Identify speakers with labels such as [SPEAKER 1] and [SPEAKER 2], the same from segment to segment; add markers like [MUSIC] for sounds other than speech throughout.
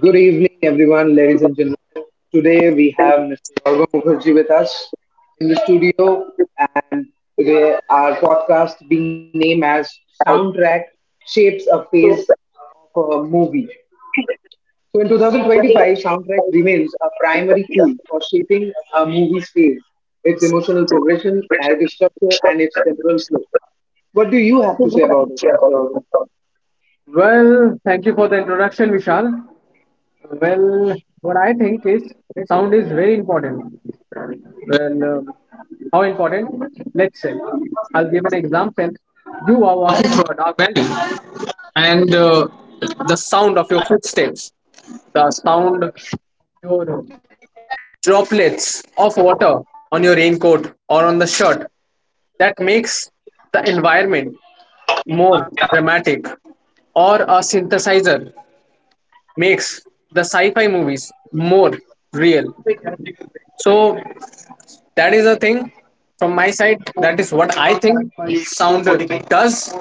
[SPEAKER 1] Good evening, everyone, ladies and gentlemen. Today we have Mr. Gaurav Mukherjee with us in the studio, and today our podcast being named as "Soundtrack Shapes a Phase of a Movie." So, in 2025, soundtrack remains a primary tool for shaping a movie's phase, its emotional progression, narrative structure, and its temporal flow. What do you have to say about it, Mr. Gaurav?
[SPEAKER 2] Well, thank you for the introduction, Vishal. Well, what I think is sound is very important. Well, um, how important? Let's say. I'll give an example. You are walking through a dark alley, and the sound of your footsteps, the sound of your droplets of water on your raincoat or on the shirt, that makes the environment more dramatic, or a synthesizer makes the sci-fi movies more real. So that is a thing from my side. That is what I think sound does.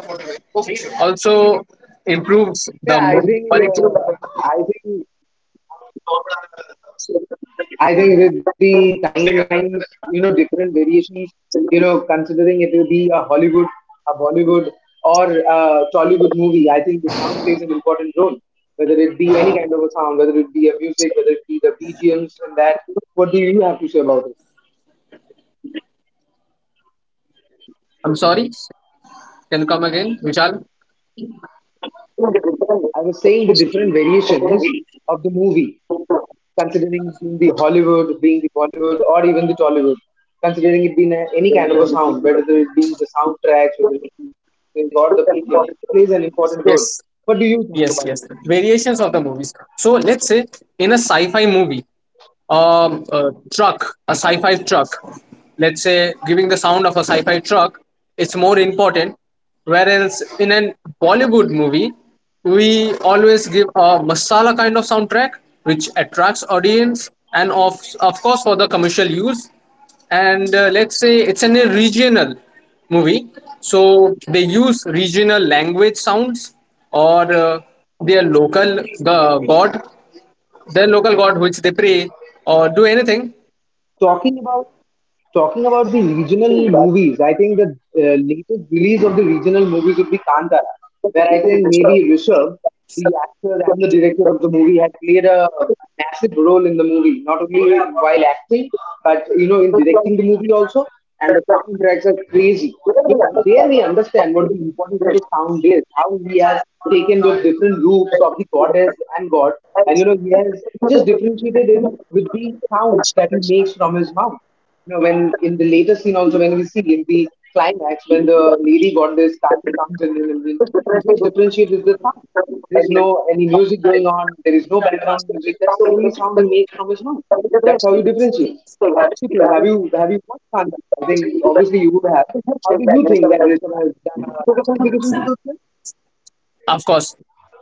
[SPEAKER 2] Also improves the
[SPEAKER 1] Yeah, I
[SPEAKER 2] movie
[SPEAKER 1] think
[SPEAKER 2] quality.
[SPEAKER 1] I think I think with the timelines, you know, different variations, you know, considering it will be a Hollywood, a Bollywood, or a Tollywood movie, I think the sound plays an important role. Whether it be any kind of a sound, whether it be a music, whether it be the BGMs and that, what do you have to say about it?
[SPEAKER 2] I'm sorry. Can you come again, Vishal?
[SPEAKER 1] I was saying the different variations of the movie, considering being the Hollywood, being the Bollywood, or even the Tollywood, considering it being a any kind of a sound, whether it being the soundtracks, whether it be the or the BGM, plays an important role.
[SPEAKER 2] Yes,
[SPEAKER 1] What do you think
[SPEAKER 2] yes,
[SPEAKER 1] about
[SPEAKER 2] yes.
[SPEAKER 1] it?
[SPEAKER 2] Variations of the movies. So let's say in a sci-fi movie, a truck, a sci-fi truck, let's say giving the sound of a sci-fi truck, it's more important. Whereas in a Bollywood movie, we always give a masala kind of soundtrack which attracts audience and of course for the commercial use. And let's say it's an a regional movie, so they use regional language sounds or their god, their local god which they pray or do anything,
[SPEAKER 1] Talking about Talking about the regional movies, I think the latest release of the regional movie would be Kantara, where I think maybe Rishabh, the actor and the director of the movie, had played a massive role in the movie, not only while acting, but you know, in directing the movie also. And the soundtracks are crazy. You know, there we understand what the importance of the sound is, how he has taken those different groups of the goddess and god, and you know, he has just differentiated it with the sounds that he makes from his mouth. No, when in the later scene also, when we see in the climax when the lady goddess Kali comes in and then we just differentiate is the sound. There is no any music going on. There is no background music. That's the only sound he makes from his mouth. That's how you differentiate. What do you think? Have you watched Kanta? I think obviously you would have. How do you think that Rishabh has done a justification to this
[SPEAKER 2] of course.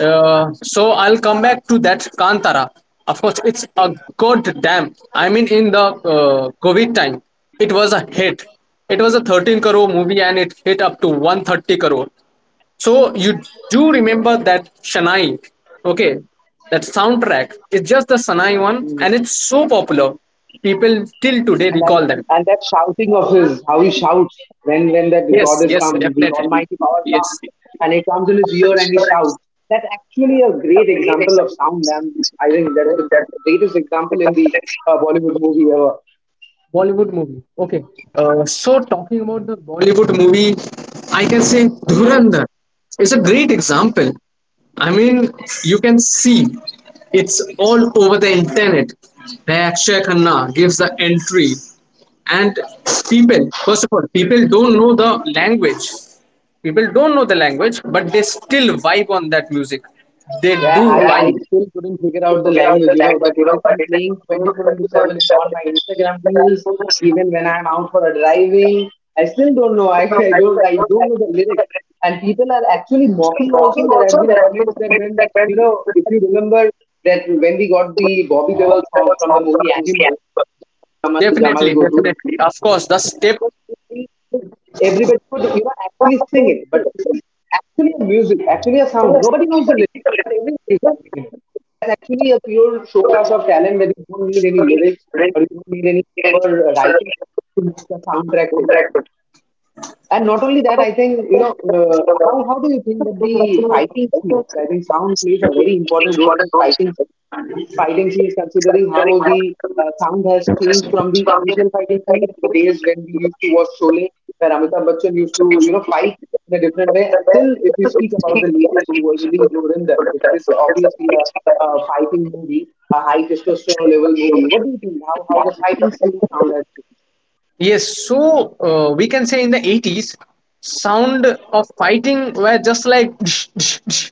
[SPEAKER 2] uh, so I'll come back to that Kantara. Of course, it's a god damn, I mean, in the COVID time, it was a hit. It was a 13 crore movie and it hit up to 130 crore. So you do remember that shanai, okay, that soundtrack. It's just the Sanai one and
[SPEAKER 1] film?
[SPEAKER 2] it's so popular. People till today
[SPEAKER 1] And then,
[SPEAKER 2] recall them.
[SPEAKER 1] and that shouting of his, how he shouts when that
[SPEAKER 2] Yes,
[SPEAKER 1] god has
[SPEAKER 2] yes,
[SPEAKER 1] come, the
[SPEAKER 2] definitely,
[SPEAKER 1] almighty power comes
[SPEAKER 2] yes.
[SPEAKER 1] and it comes in his ear and he shouts, that's actually a great example of sound. And I think that's the greatest example in the Bollywood movie ever.
[SPEAKER 2] Bollywood movie. Okay. So talking about the Bollywood movie, I can say Dhurandhar is a great example. I mean, you can see it's all over the internet where Akshay Khanna gives the entry, and people, first of all, people don't know the language. People don't know the language, but they still vibe on that music. They
[SPEAKER 1] Yeah,
[SPEAKER 2] do
[SPEAKER 1] I
[SPEAKER 2] vibe.
[SPEAKER 1] still couldn't figure out the language, you know, but it has been playing 24 into 7 in all my Instagram reels, even when I'm out for a driving. I still don't know. I, [LAUGHS] I don't know the lyrics. And people are actually mocking also. There have been comments that when, you know, if you remember that when we got the Bobby Deol song from the movie Animal, Kamal Jamal
[SPEAKER 2] Definitely,
[SPEAKER 1] Gotu.
[SPEAKER 2] definitely. Of course, the step.
[SPEAKER 1] Because you see, everybody could, you know, actually sing it, but this is actually a music, actually a sound. Nobody knows the lyrics, but everybody is writing it. It's actually a pure showcase of talent where you don't need any lyrics or you don't need any proper writing to make a soundtrack. It. And not only that, I think, you know, how do you think that the fighting scenes? I think sound plays a very important role in fighting scenes, considering how the sound has changed from the initial fighting scenes, the days when we used to watch Sholay, where Amitabh Bachchan used to, you know, fight in a different way. Still, if we speak about the latest who was released, Surinder, which is obviously a fighting movie, a high testosterone level movie. What do you think? How the fighting scene sound has changed?
[SPEAKER 2] Yes, so we can say in the 80s, sound of fighting were just like "Dsh, dsh, dsh."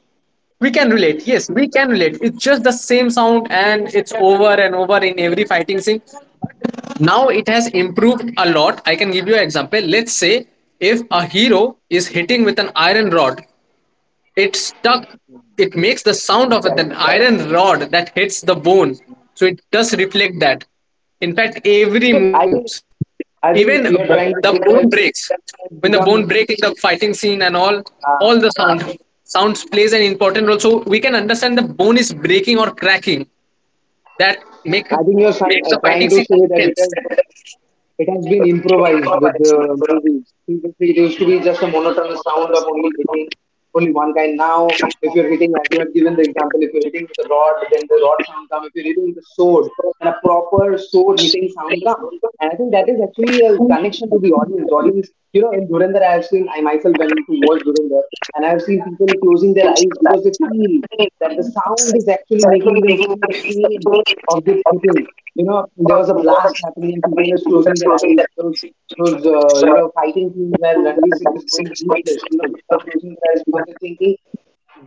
[SPEAKER 2] We can relate. Yes, we can relate. It's just the same sound and it's over and over in every fighting scene. Now it has improved a lot. I can give you an example. Let's say if a hero is hitting with an iron rod, it stuck. It makes the sound of an
[SPEAKER 1] Exactly.
[SPEAKER 2] iron rod that hits the bone. So it does reflect that. In fact, every
[SPEAKER 1] So
[SPEAKER 2] moves.
[SPEAKER 1] I
[SPEAKER 2] Even
[SPEAKER 1] think you're trying
[SPEAKER 2] the
[SPEAKER 1] to
[SPEAKER 2] bone
[SPEAKER 1] say it
[SPEAKER 2] breaks. When
[SPEAKER 1] has
[SPEAKER 2] the bone
[SPEAKER 1] become.
[SPEAKER 2] break in the fighting scene and all, all
[SPEAKER 1] Uh,
[SPEAKER 2] the sound sounds plays an important role. So we can understand the bone is breaking or cracking. That
[SPEAKER 1] I think you're trying,
[SPEAKER 2] makes the fighting
[SPEAKER 1] trying to
[SPEAKER 2] scene
[SPEAKER 1] say that it
[SPEAKER 2] intense.
[SPEAKER 1] has. It has been improvised with the movies. Previously, it used to be just a monotonous sound of only hitting only one kind. Now, if you're hitting, as you had given the example, if you're hitting with a rod, then the rod sound comes. If you're hitting with a sword, and a proper sword hitting sound comes. And I think that is actually a connection to the audience. Audience, you know, in Dhurandhar, I have seen, I myself went to watch Dhurandhar, and I have seen people closing their eyes because they feel that the sound is actually making them feel the pain of this hitting. You know, there was a blast happening and people just closing their eyes. Those you know, fighting scenes where Ranveer Singh is going ruthless. You know, people are closing their eyes because they're thinking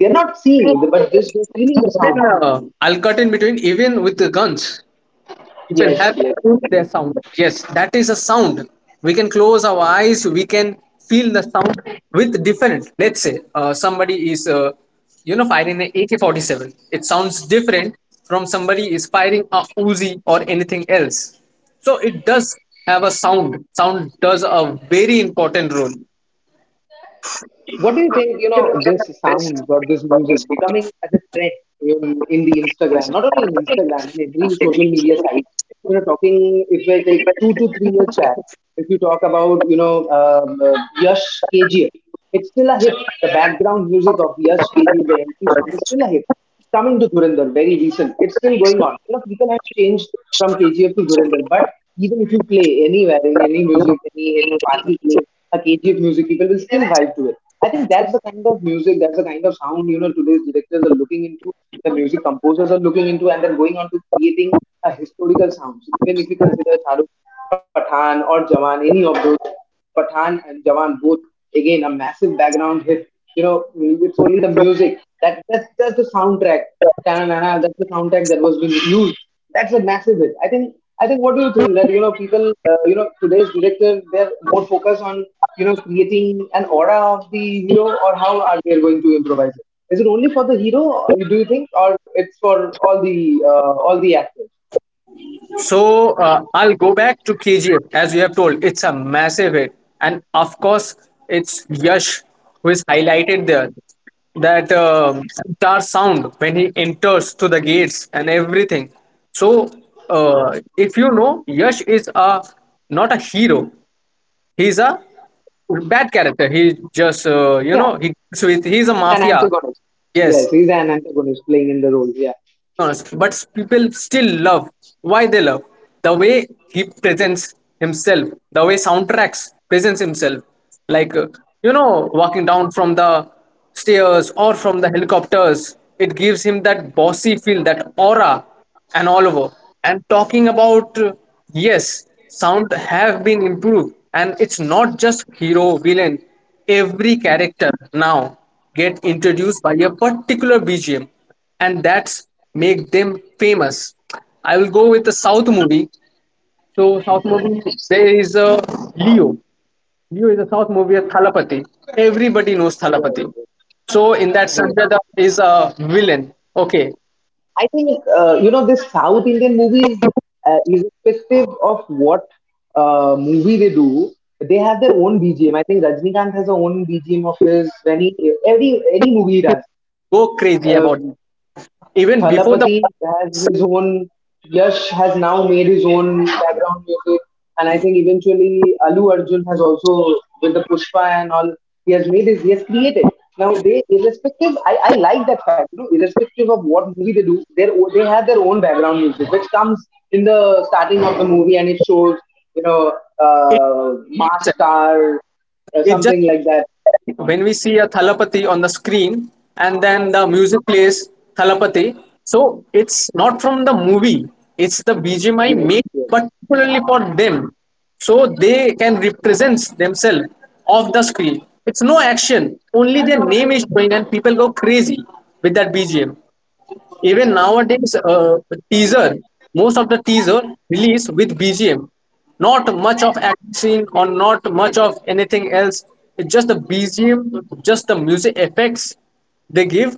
[SPEAKER 1] they're not seeing it, but just they're feeling the
[SPEAKER 2] Even,
[SPEAKER 1] sound.
[SPEAKER 2] I'll cut in between. Even with the guns, it will have
[SPEAKER 1] Yes, yes,
[SPEAKER 2] their sound.
[SPEAKER 1] exactly.
[SPEAKER 2] Yes, that is a sound. We can close our eyes. We can feel the sound with different. Let's say somebody is, you know, firing an AK-47. It sounds different from somebody is firing a Uzi or anything else. So it does have a sound. Sound does a very important role.
[SPEAKER 1] What do you think, you know, this sound or this music becoming as a trend in the Instagram, not only in Instagram, in every social media site, you know, talking, if I take 2 to 3 years back, if you talk about, you know, Yash KGF, it's still a hit. The background music of Yash KGF, the MP song is still a hit. Coming to Dhurandhar, very recent. It's still going on. You know, people have changed from KGF to Dhurandhar, but even if you play anywhere in any music, any party play a KGF music, people will still vibe to it. I think that's the kind of music, that's the kind of sound, you know, today's directors are looking into, the music composers are looking into, and then going on to creating a historical sounds. Even if you consider Shahrukh, Pathan, or Jawan, any of those. Pathan and Jawan, both again a massive background hit. You know, it's only the music that that's the soundtrack. Ta-na-na-na, that's the soundtrack that was being used. That's a massive hit, I think. I think. What do you think that you know people? You know, today's director they're more focused on you know creating an aura of the hero, or how are they going to improvise it? Is it only for the hero? Or do you think, or it's for all the actors?
[SPEAKER 2] So I'll go back to KGF as you have told. It's a massive hit, and of course, it's Yash who is highlighted there. That guitar sound when he enters to the gates and everything. So if you know, Yash is a not a hero. He's a bad character. He just you
[SPEAKER 1] Yeah,
[SPEAKER 2] know, he deals with he's a
[SPEAKER 1] an
[SPEAKER 2] mafia.
[SPEAKER 1] antagonist.
[SPEAKER 2] Yes,
[SPEAKER 1] Yes, he's an antagonist playing in the role. Yeah.
[SPEAKER 2] but people still love. Why they love the way he presents himself, the way soundtracks presents himself, like you know, walking down from the stairs or from the helicopters. It gives him that bossy feel, that aura, and all over. And talking about yes, sound have been improved, and it's not just hero villain. Every character now get introduced by a particular BGM and that's make them famous. I will go with the South movie. So South movie there is a Leo. Leo is a South movie, a Thalapathy. Everybody knows
[SPEAKER 1] Yes.
[SPEAKER 2] Thalapathy. So in that
[SPEAKER 1] Yes.
[SPEAKER 2] Sanjay Dutt is a villain. Okay,
[SPEAKER 1] I think you know this South Indian movies, irrespective of what movie they do, they have their own BGM. I think Rajnikant has a own BGM of his when he every any movie he does.
[SPEAKER 2] go crazy about it.
[SPEAKER 1] Um,
[SPEAKER 2] Even before the
[SPEAKER 1] Thalapathy has
[SPEAKER 2] concept,
[SPEAKER 1] his own, Yash has now made his own background music, and I think eventually Alu Arjun has also, with the Pushpa and all, he has made his, he has created. Now they, irrespective, I like that fact, you know, irrespective of what movie they do, they have their own background music, which comes in the starting of the movie and it shows, you know, mass star, or
[SPEAKER 2] it just
[SPEAKER 1] something like that.
[SPEAKER 2] when we see a Thalapathy on the screen and then the music plays Thalapathy, so it's not from the movie, it's the BGMI made
[SPEAKER 1] Yes, yes.
[SPEAKER 2] particularly for them. So they can represent themselves off the screen. It's no action, only their name is showing and people go crazy with that BGM. Even nowadays, teaser, most of the teaser release with BGM, not much of action or not much of anything else. It's just the BGM, just the music effects they give,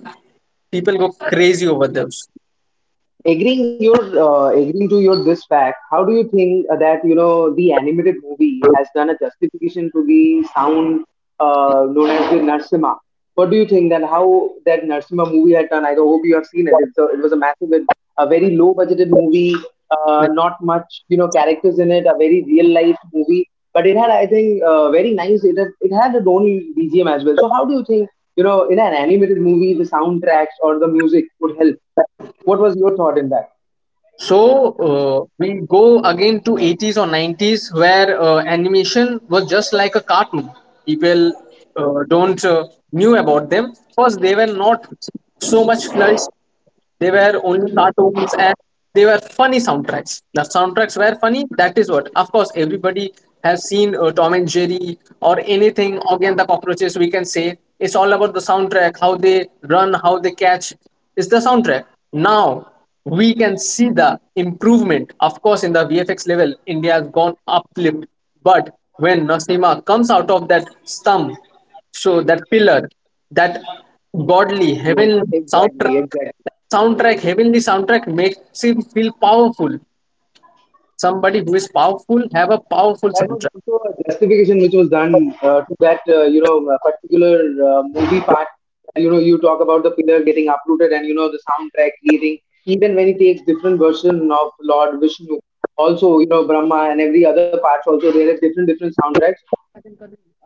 [SPEAKER 2] people go crazy over those.
[SPEAKER 1] Agreeing your agreeing to your this fact, how do you think that you know the animated movie has done a justification to the sound known as the Narsimha? What do you think that how that Narsimha movie had done? I hope you have seen it. It's a, it was a massive, a very low budgeted movie, not much you know characters in it, a very real life movie, but it had I think very nice. It had its own BGM as well. So how do you think you know in an animated movie the soundtracks or the music would help? What was your thought in that?
[SPEAKER 2] So we go again to 80s or 90s where animation was just like a cartoon. People don't knew about them because they were not so much flourished. They were only cartoons and they were funny soundtracks. The soundtracks were funny. That is what. Of course, everybody has seen Tom and Jerry or anything. Again, the cockroaches. We can say it's all about the soundtrack. How they run, how they catch. It's the soundtrack. Now we can see the improvement. Of course, in the VFX level, India has gone uplift. But when Nasima comes out of that stump, so that pillar, that godly
[SPEAKER 1] Yes,
[SPEAKER 2] heaven soundtrack
[SPEAKER 1] exactly, exactly.
[SPEAKER 2] soundtrack heavenly soundtrack makes him feel powerful. Somebody who is powerful have a powerful
[SPEAKER 1] That was
[SPEAKER 2] soundtrack.
[SPEAKER 1] also a justification which was done to that you know particular movie part. You know, you talk about the pillar getting uprooted, and you know the soundtrack creating. Even when he takes different version of Lord Vishnu, also you know Brahma and every other parts, also there are different different soundtracks.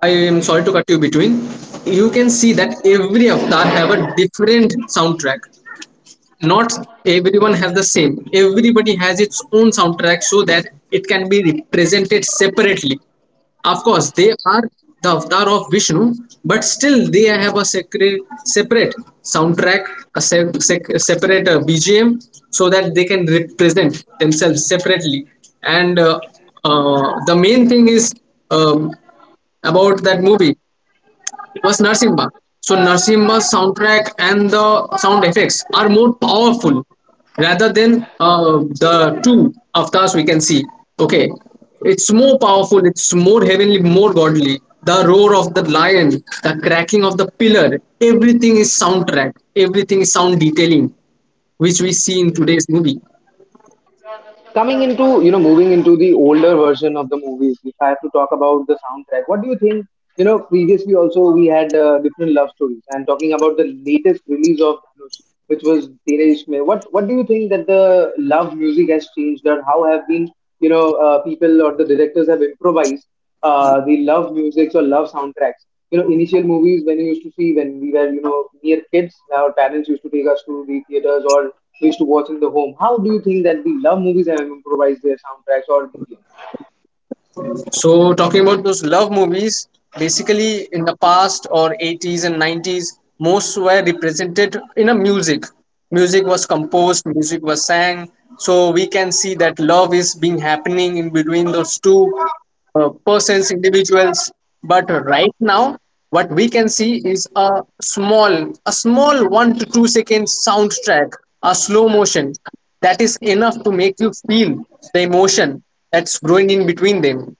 [SPEAKER 2] I am sorry to cut you between. You can see that every avatar have a different soundtrack. Not everyone has the same, everybody has its own soundtrack so that it can be represented separately. Of course, they are the avatar of Vishnu, but still they have a secret, separate soundtrack, a separate BGM so that they can represent themselves separately. And the main thing is um, about that movie was Narsimba. So Narsimba's soundtrack and the sound effects are more powerful rather than the two avatars we can see. Okay, it's more powerful. It's more heavenly, more godly. The roar of the lion, the cracking of the pillar, everything is soundtrack. Everything is sound detailing, which we see in today's movie.
[SPEAKER 1] Coming into, you know, moving into the older version of the movies, if I have to talk about the soundtrack, what do you think? You know, previously also we had different love stories. I'm talking about the latest release of Dhanush, which was Tere Ishq Mein. What do you think that the love music has changed, or how have been, you know, people or the directors have improvised the love musics or love soundtracks? You know, initial movies when you used to see when we were, you know, mere kids, our parents used to take us to the theaters or we used to watch in the home. How do you think that we love movies and improvise their soundtracks or BGM?
[SPEAKER 2] So talking about those love movies, basically in the past or 80s and 90s, most were represented in a music. Music was composed, music was sang. So we can see that love is being happening in between those two persons, individuals. But right now, what we can see is a small 1 to 2 second soundtrack, a slow motion, that is enough to make you feel the emotion that's growing in between them.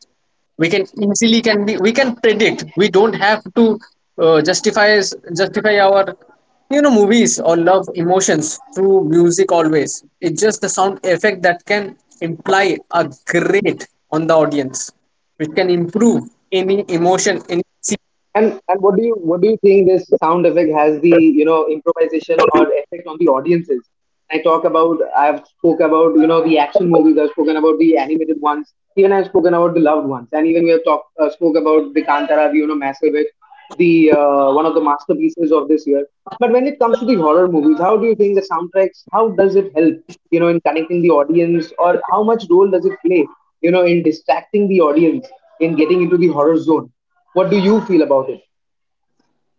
[SPEAKER 2] We can easily can be we can predict. We don't have to uh, justify justify our, you know, movies or love emotions through music always. It's just the sound effect that can imply a great on the audience, which can improve any emotion, any
[SPEAKER 1] And
[SPEAKER 2] scene.
[SPEAKER 1] what do you think this sound effect has the improvisation or effect on the audiences? I've spoke about the action movies. I've spoken about the animated ones. Even I've spoken about the loved ones. And even we have talked spoke about the Kantara, the, massive the one of the masterpieces of this year. But when it comes to the horror movies, how do you think the soundtracks? How does it help in connecting the audience, or how much role does it play in distracting the audience in getting into the horror zone? What do you feel about it?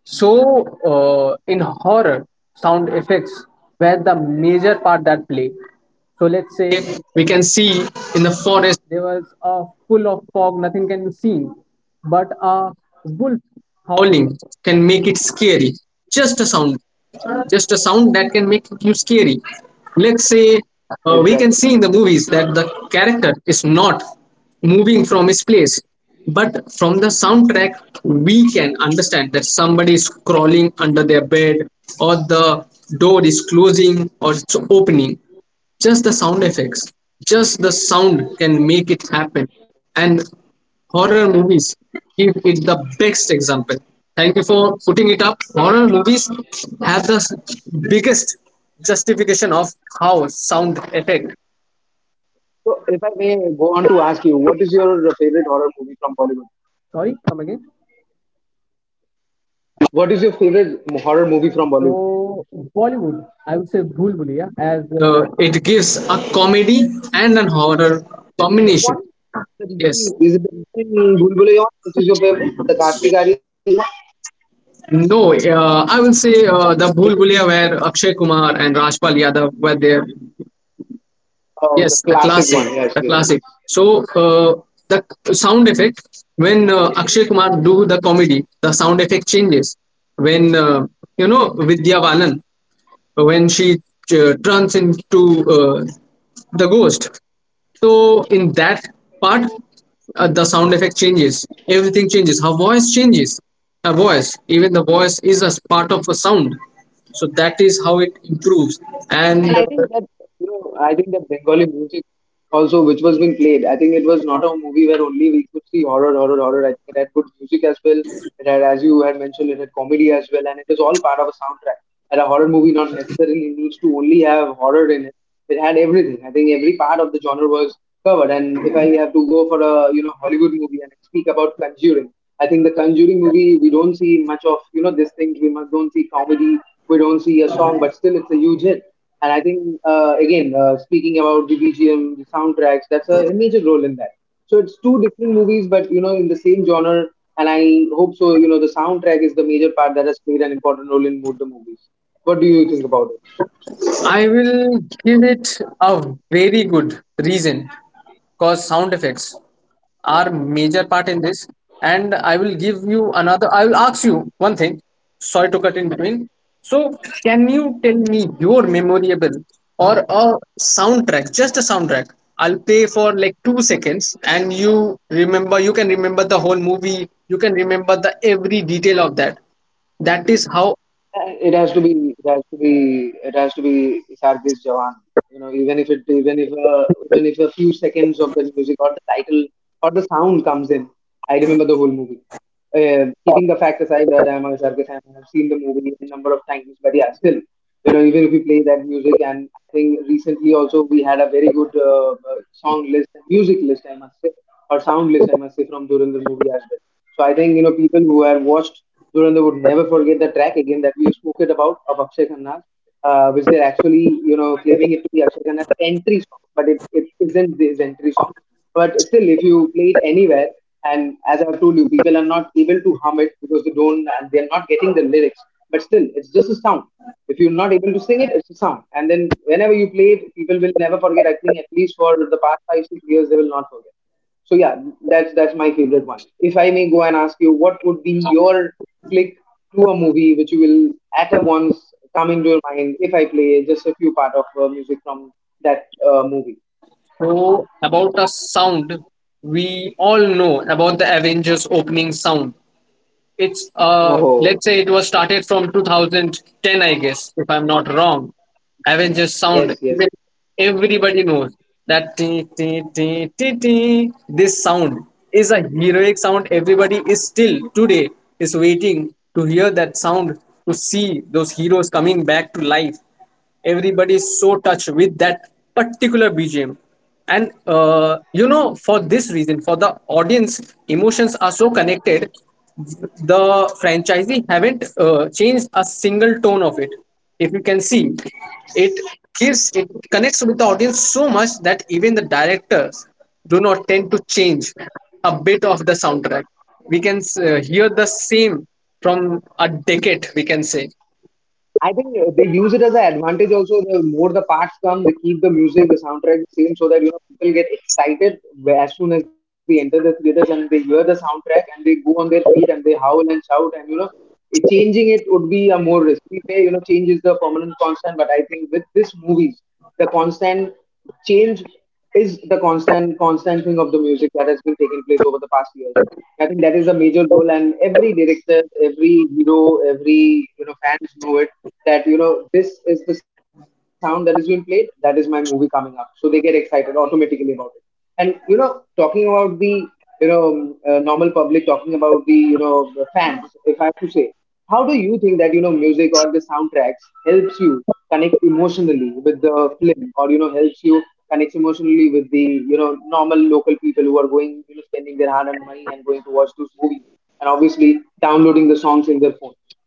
[SPEAKER 2] So in horror, sound effects were the major part that play. So let's say we can see in the forest there was a full of fog, nothing can be seen, but a wolf howling can make it scary. Just a sound, just a sound that can make you scary. Let's say we can see in the
[SPEAKER 1] Exactly.
[SPEAKER 2] movies that the character is not moving from his place, but from the soundtrack we can understand that somebody is crawling under their bed, or the door is closing or it's opening. Just the sound effects, just the sound can make it happen. And horror movies give it the best example. Thank you for putting it up. Horror movies have the biggest justification of how sound effect.
[SPEAKER 1] So, if I may go on to ask you, what is your favorite horror movie from Bollywood?
[SPEAKER 2] Sorry, come again.
[SPEAKER 1] What is your favorite horror movie from Bollywood?
[SPEAKER 2] So Bollywood, I would say Bhool Bhulaiyaa, as it gives a comedy and an horror
[SPEAKER 1] The
[SPEAKER 2] combination.
[SPEAKER 1] recent one? The
[SPEAKER 2] Yes.
[SPEAKER 1] recent, is it the recent Bulbulayon, which is your favorite? The Kartik Aaryan one?
[SPEAKER 2] No, I will say the
[SPEAKER 1] Is it
[SPEAKER 2] Bhool
[SPEAKER 1] is the
[SPEAKER 2] Bhuliya
[SPEAKER 1] recent?
[SPEAKER 2] where Akshay Kumar and Rajpal Yadav were there.
[SPEAKER 1] Oh, the
[SPEAKER 2] Yes, the
[SPEAKER 1] classic
[SPEAKER 2] classic,
[SPEAKER 1] one. Yes,
[SPEAKER 2] the
[SPEAKER 1] yes, yes.
[SPEAKER 2] classic. So the sound effect when Akshay Kumar do the comedy, the sound effect changes. When you know, Vidya Balan, when she turns into the ghost, so in that part, the sound effect changes. Everything changes. Her voice changes. Her voice, even the voice is a part of a sound. So that is how it improves. And
[SPEAKER 1] And I think that Bengali music also, which was being played, I think it was not a movie where only we could see horror, horror, horror. I think it had good music as well. It had, as you had mentioned, it had comedy as well, and it is all part of a soundtrack. And a horror movie not necessarily needs to only have horror in it. It had everything. I think every part of the genre was covered. And if I have to go for a Hollywood movie and speak about Conjuring, I think the Conjuring movie, we don't see much of these things. Don't see comedy, we don't see a song, but still it's a huge hit. And I think, again, speaking about the BGM, the soundtracks, that's a major role in that. So it's two different movies, but in the same genre. And I hope so. You know the soundtrack is the major part that has played an important role in both the movies. What do you think about it?
[SPEAKER 2] I will give it a very good reason because sound effects are major part in this. And I will give you another, I will ask you one thing. Sorry to cut in between. So can you tell me your memorable or a soundtrack, just a soundtrack I'll play for like 2 seconds, and you remember, you can remember the whole movie, you can remember the every detail of that. That is how.
[SPEAKER 1] It has to be it has to be it has to be Sargis Jawan. You know, even if it even if a few seconds of the music or the title or the sound comes in, I remember the whole movie. Keeping the fact aside that I'm a Sargis fan, I've seen the movie a number of times, but yeah, still, even if we play that music. And I think recently also we had a very good, song list, music list I must say, or sound list I must say, from Durandar movie as well. So I think people who have watched Durandar would never forget the track again that we have spoken about of Akshay Khanna's, which they're actually claiming it to be Akshay Khanna's entry song. But it isn't his entry song. But still, if you play it anywhere, and as I've told you, people are not able to hum it because they don't, and they're not getting the lyrics. But still, it's just a sound. If you're not able to sing it, it's a sound. And then whenever you play it, people will never forget. I think at least for the past five, 6 years, they will not forget. So yeah, that's my favorite one. If I may go and ask you, what would be your click to a movie which you will at a once come into your mind if I play just a few part of music from that movie?
[SPEAKER 2] So about a sound, we all know about the Avengers opening sound. It's let's
[SPEAKER 1] Oh
[SPEAKER 2] say it was started from 2010, I guess, if I'm not wrong. Avengers sound.
[SPEAKER 1] yes,
[SPEAKER 2] Even
[SPEAKER 1] yes,
[SPEAKER 2] everybody knows that tee, tee, tee, tee, tee, this sound is a heroic sound. Everybody is still today is waiting to hear that sound, to see those heroes coming back to life. Everybody is so touched with that particular bgm. And you know, for this reason, for the audience, emotions are so connected. The franchisee haven't changed a single tone of it. If you can see, it gives it, connects with the audience so much that even the directors do not tend to change a bit of the soundtrack. We can hear the same from a decade, we can say.
[SPEAKER 1] I think, they use it as an advantage also. The more the parts come, they keep the music, the soundtrack the same so that people get excited as soon as they enter the theaters and they hear the soundtrack and they go on their feet and they howl and shout, and changing it would be a more risk. We say, change is the permanent constant. But I think with this movie, the constant change is the constant thing of the music that has been taking place over the past years. I think that is a major role, and every director, every hero, every fans know it that this is the sound that is being played. That is my movie coming up, so they get excited automatically about it. And talking about the normal public, talking about the the fans. If I have to say, how do you think that music or the soundtracks helps you connect emotionally with the film, or helps you connect emotionally with the normal local people who are going, spending their hard and money and going to watch those movies, and obviously downloading the songs in their phone.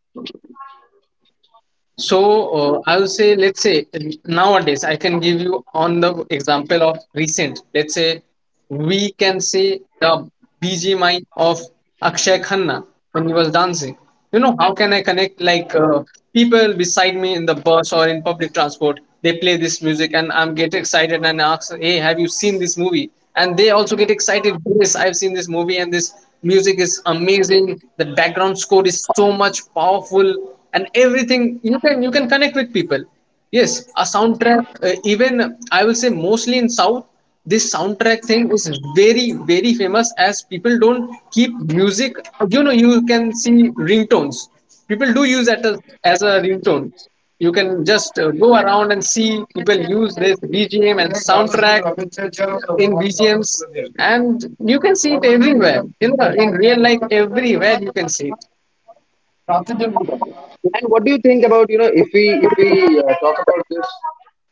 [SPEAKER 2] So I'll say, let's say nowadays, I can give you on the example of recent. Let's say we can say the BGMI of Akshay Khanna when he was dancing. You know, how can I connect, like people beside me in the bus or in public transport? They play this music and I'm get excited and ask, hey, have you seen this movie? And they also get excited. Yes, I've seen this movie and this music is amazing. The background score is so much powerful and everything. You can, you can connect with people. Yes, a soundtrack, even I will say mostly in south, this soundtrack thing is very, very famous, as people don't keep music. You know, you can see ringtones, people do use that as a ringtone. You can just go around and see people use this bgm and soundtrack in bgms. And you can see it everywhere, you know, in real life, everywhere you can see it.
[SPEAKER 1] And what do you think about, if we talk about this,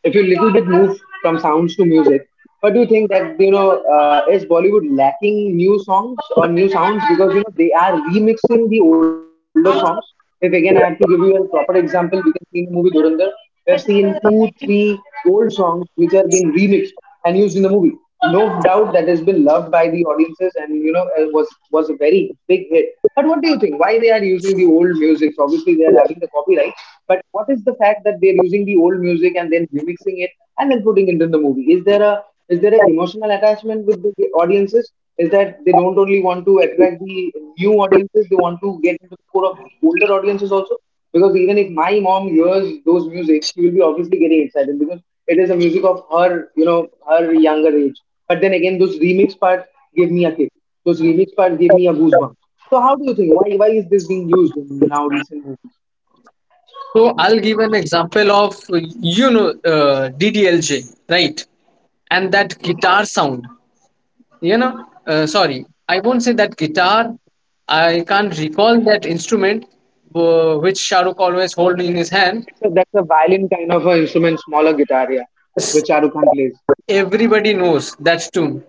[SPEAKER 1] if we little bit move from sounds to music? What do you think that is Bollywood lacking new songs or new sounds, because they are remixing the older songs? If again I have to give you a proper example, we can see in the movie Dhurandhar, we have seen two, three old songs which are being remixed and used in the movie, no doubt that has been loved by the audiences, and was a very big hit. But what do you think, why they are using the old music? Obviously they are having the copyright, but what is the fact that they're using the old music and then remixing it and then putting it in the movie? Is there an emotional attachment with the audiences? Is that they don't only want to attract the new audiences? They want to get into the core of the older audiences also, because even if my mom hears those music, she will be obviously getting excited because it is the music of her, her younger age. But then again, those remix parts give me a kick. Those remix parts give me a goosebump. So how do you think? Why is this being used in now recent movies?
[SPEAKER 2] So I'll give an example of, you know, DDLJ, right? And that guitar sound, you know. Sorry, I won't say that guitar. I can't recall that instrument which Shahrukh always hold in his hand.
[SPEAKER 1] That's a violin kind of an instrument, smaller guitar, yeah,
[SPEAKER 2] Yes.
[SPEAKER 1] which Shahrukh Khan plays.
[SPEAKER 2] Everybody knows that tune.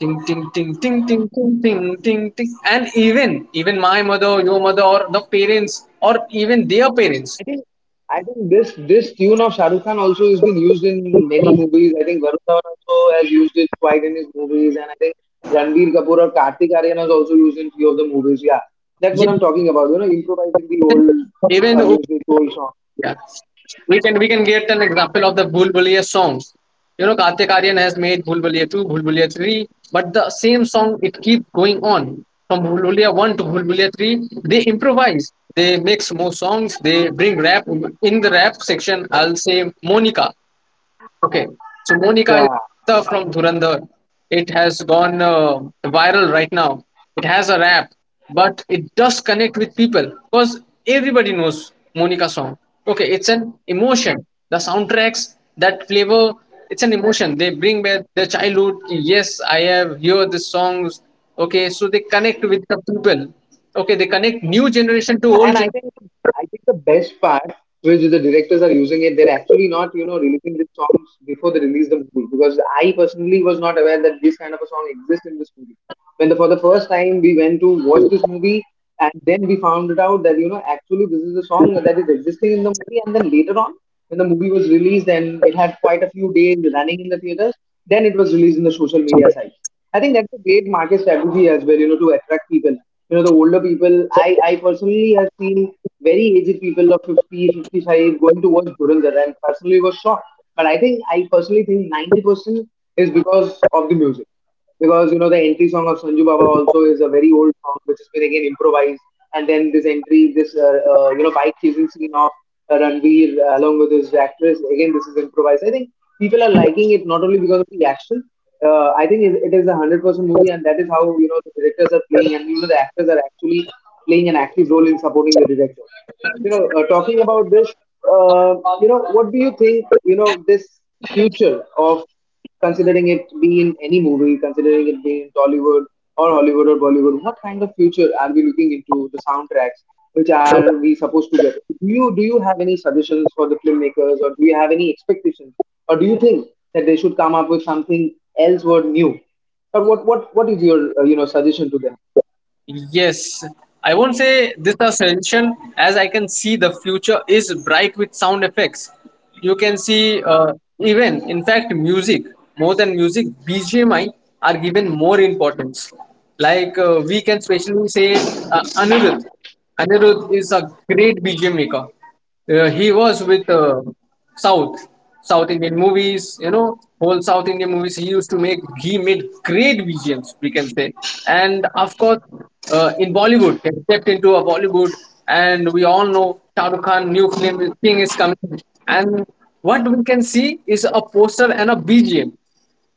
[SPEAKER 2] Ting ting ting ting ting ting ting ting ting. And even my mother, your mother, or the parents, or even their parents.
[SPEAKER 1] I think I think this tune of Shah Rukh Khan also has been used in many movies. I think Varun Dhawan also has used it quite in his movies, and I think Ranbir Kapoor or Kartik Aaryan has also used in few of the movies. Yeah, that's what
[SPEAKER 2] Yes,
[SPEAKER 1] I'm talking about. You know, improvising the old,
[SPEAKER 2] even.
[SPEAKER 1] music, old song.
[SPEAKER 2] Yeah. We can get an example of the Bhul Bhuliya songs. You know, Kartik Aryan has made Bhul Bhuliya 2, Bhul Bhuliya 3, but the same song it keeps going on from Bhul Bhuliya 1 to Bhul Bhuliya 3. They improvise, they mix more songs, they bring rap in the rap section. I'll say Monica. Okay, so Monica
[SPEAKER 1] Yeah.
[SPEAKER 2] is from Dhurandhar. It has gone viral right now. It has a rap, but it does connect with people because everybody knows Monica song. Okay, it's an emotion. The soundtracks, that flavor, it's an emotion. They bring back their childhood. Yes, I have heard the songs. Okay, so they connect with the people. Okay, they connect new generation to
[SPEAKER 1] Yeah,
[SPEAKER 2] old
[SPEAKER 1] and
[SPEAKER 2] generation.
[SPEAKER 1] I think the best part, which is the directors are using it, they're actually not releasing the songs before they release the movie, because I personally was not aware that this kind of a song exists in this movie. For the first time we went to watch this movie, and then we found it out that actually this is a song that is existing in the movie. And then later on, when the movie was released and it had quite a few days running in the theaters, then it was released in the social media site. I think that's a great market strategy as well, to attract people. You know, the older people, I personally have seen very aged people of 50, 55 going to watch Dhurandhar, and personally was shocked. But I personally think 90% is because of the music. Because, the entry song of Sanju Baba also is a very old song which has been again improvised. And then this entry, this, you know, bike chasing scene of Ranveer along with his actress, again, this is improvised. I think people are liking it not only because of the action. I think it is 100% movie, and that is how the directors are playing, and the actors are actually playing an active role in supporting the director. You know, talking about this, uh, what do you think? This future of considering it be in any movie, considering it be in Tollywood, or Hollywood, or Bollywood, what kind of future are we looking into the soundtracks? Which are we supposed to get? Do you have any suggestions for the filmmakers, or do you have any expectations, or do you think that they should come up with something else or new? Or what is your suggestion to them?
[SPEAKER 2] Yes, I won't say this a suggestion, as I can see the future is bright with sound effects. You can see, even in fact music, more than music BGMI are given more importance. Like, we can specially say Anirudh. Anirudh is a great BGM maker. He was with South South Indian movies. You know, whole South Indian movies he used to make. He made great visions, we can say. And of course, in Bollywood, he stepped into a Bollywood, and we all know Shah Rukh Khan new film thing is coming. And what we can see is a poster and a BGM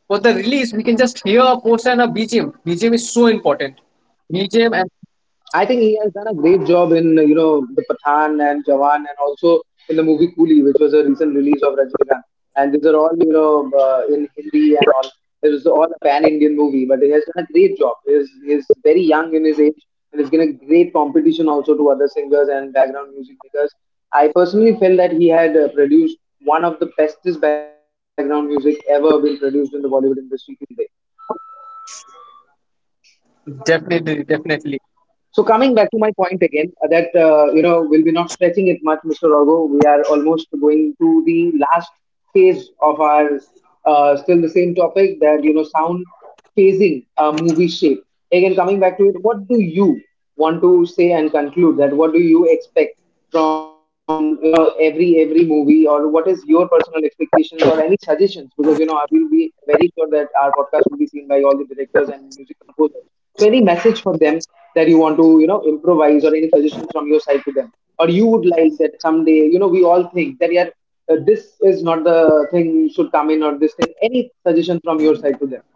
[SPEAKER 2] for the release. We can just hear a poster and a BGM. BGM is so important. BGM and
[SPEAKER 1] I think he has done a great job in, the Pathan and Jawan, and also in the movie Coolie, which was a recent release of Rajinikanth. And these are all in Hindi and all. It was all a pan-Indian movie, but he has done a great job. He is very young in his age, and he's been a great competition also to other singers and background music, because I personally felt that he had, produced one of the bestest background music ever been produced in the Bollywood industry today.
[SPEAKER 2] definitely,
[SPEAKER 1] So
[SPEAKER 2] definitely.
[SPEAKER 1] coming back to my point again, that you know we'll be not stretching it much, Mr. Orgo. We are almost going to the last phase of our, still the same topic, that sound phasing a movie shape. Again, coming back to it, what do you want to say and conclude? That what do you expect from every movie? Or what is your personal expectations or any suggestions, because I will be very sure that our podcast will be seen by all the directors and music composers. So any message for them that you want to improvise, or any suggestions from your side to them, or you would like that someday we all think that yeah, this is not the thing should come in, or this thing, any suggestion from your side to them?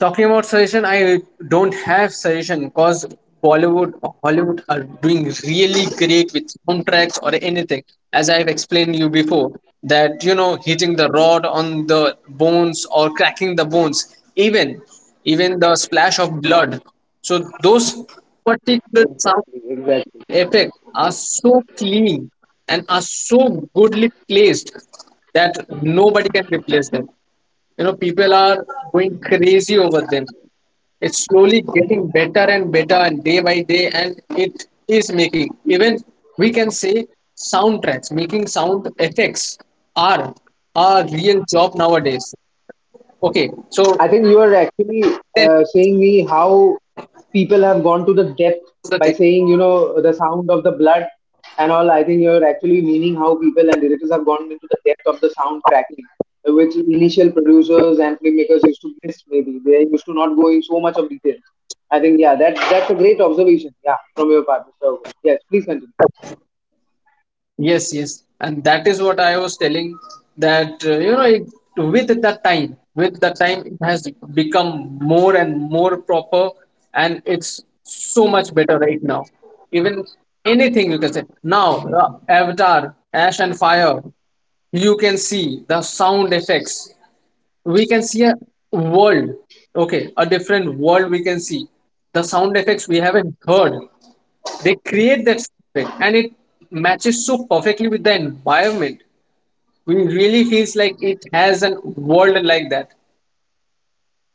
[SPEAKER 2] Talking about suggestion, I don't have suggestion because Bollywood or Hollywood are doing really great with soundtracks or anything. As I've explained you before, that you know, hitting the rod on the bones or cracking the bones, even the splash of blood. So those particular sound
[SPEAKER 1] Exactly, exactly.
[SPEAKER 2] effects are so clean and are so goodly placed that nobody can replace them. You know, people are going crazy over them. It's slowly getting better and better, and day by day, and it is making even, we can say, soundtracks, making sound effects, are a real job nowadays. Okay,
[SPEAKER 1] I
[SPEAKER 2] so
[SPEAKER 1] think you are actually,
[SPEAKER 2] then
[SPEAKER 1] saying me how people have gone to the depth
[SPEAKER 2] the
[SPEAKER 1] by
[SPEAKER 2] thing.
[SPEAKER 1] saying, the sound of the blood and all. I think you're actually meaning how people and directors have gone into the depth of the sound tracking, which initial producers and filmmakers used to miss maybe. They used to not go in so much of details. I think, yeah, that's a great observation, yeah, from your part, Mr. Aggarwal. Yes, please continue.
[SPEAKER 2] Yes, yes, and that is what I was telling, that you know it, with the time, it has become more and more proper, and it's so much better right now. Even anything you can say now, Avatar, Ash and Fire, you can see the sound effects. We can see a world, okay, a different world. We can see the sound effects we haven't heard. They create that spirit and it matches so perfectly with the environment. We really feels like it has an world like that.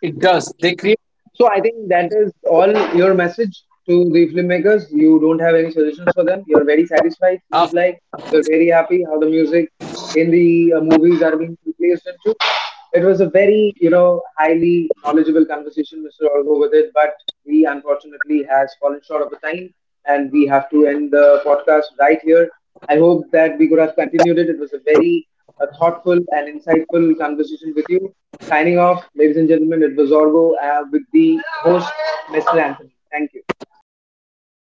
[SPEAKER 2] It does. They create
[SPEAKER 1] So I think that is all your message to the filmmakers. You don't have any suggestions for them. You're very satisfied. Seems
[SPEAKER 2] after.
[SPEAKER 1] like you're very happy how the music in the movies are being placed into. It was a very highly knowledgeable conversation, Mr. Orgo, with it. But we unfortunately has fallen short of the time, and we have to end the podcast right here. I hope that we could have continued it. It was a thoughtful and insightful conversation with you. Signing off, ladies and gentlemen, it was Orgo, with the host, Mr. Anthony. Thank you.
[SPEAKER 2] Thank you so much.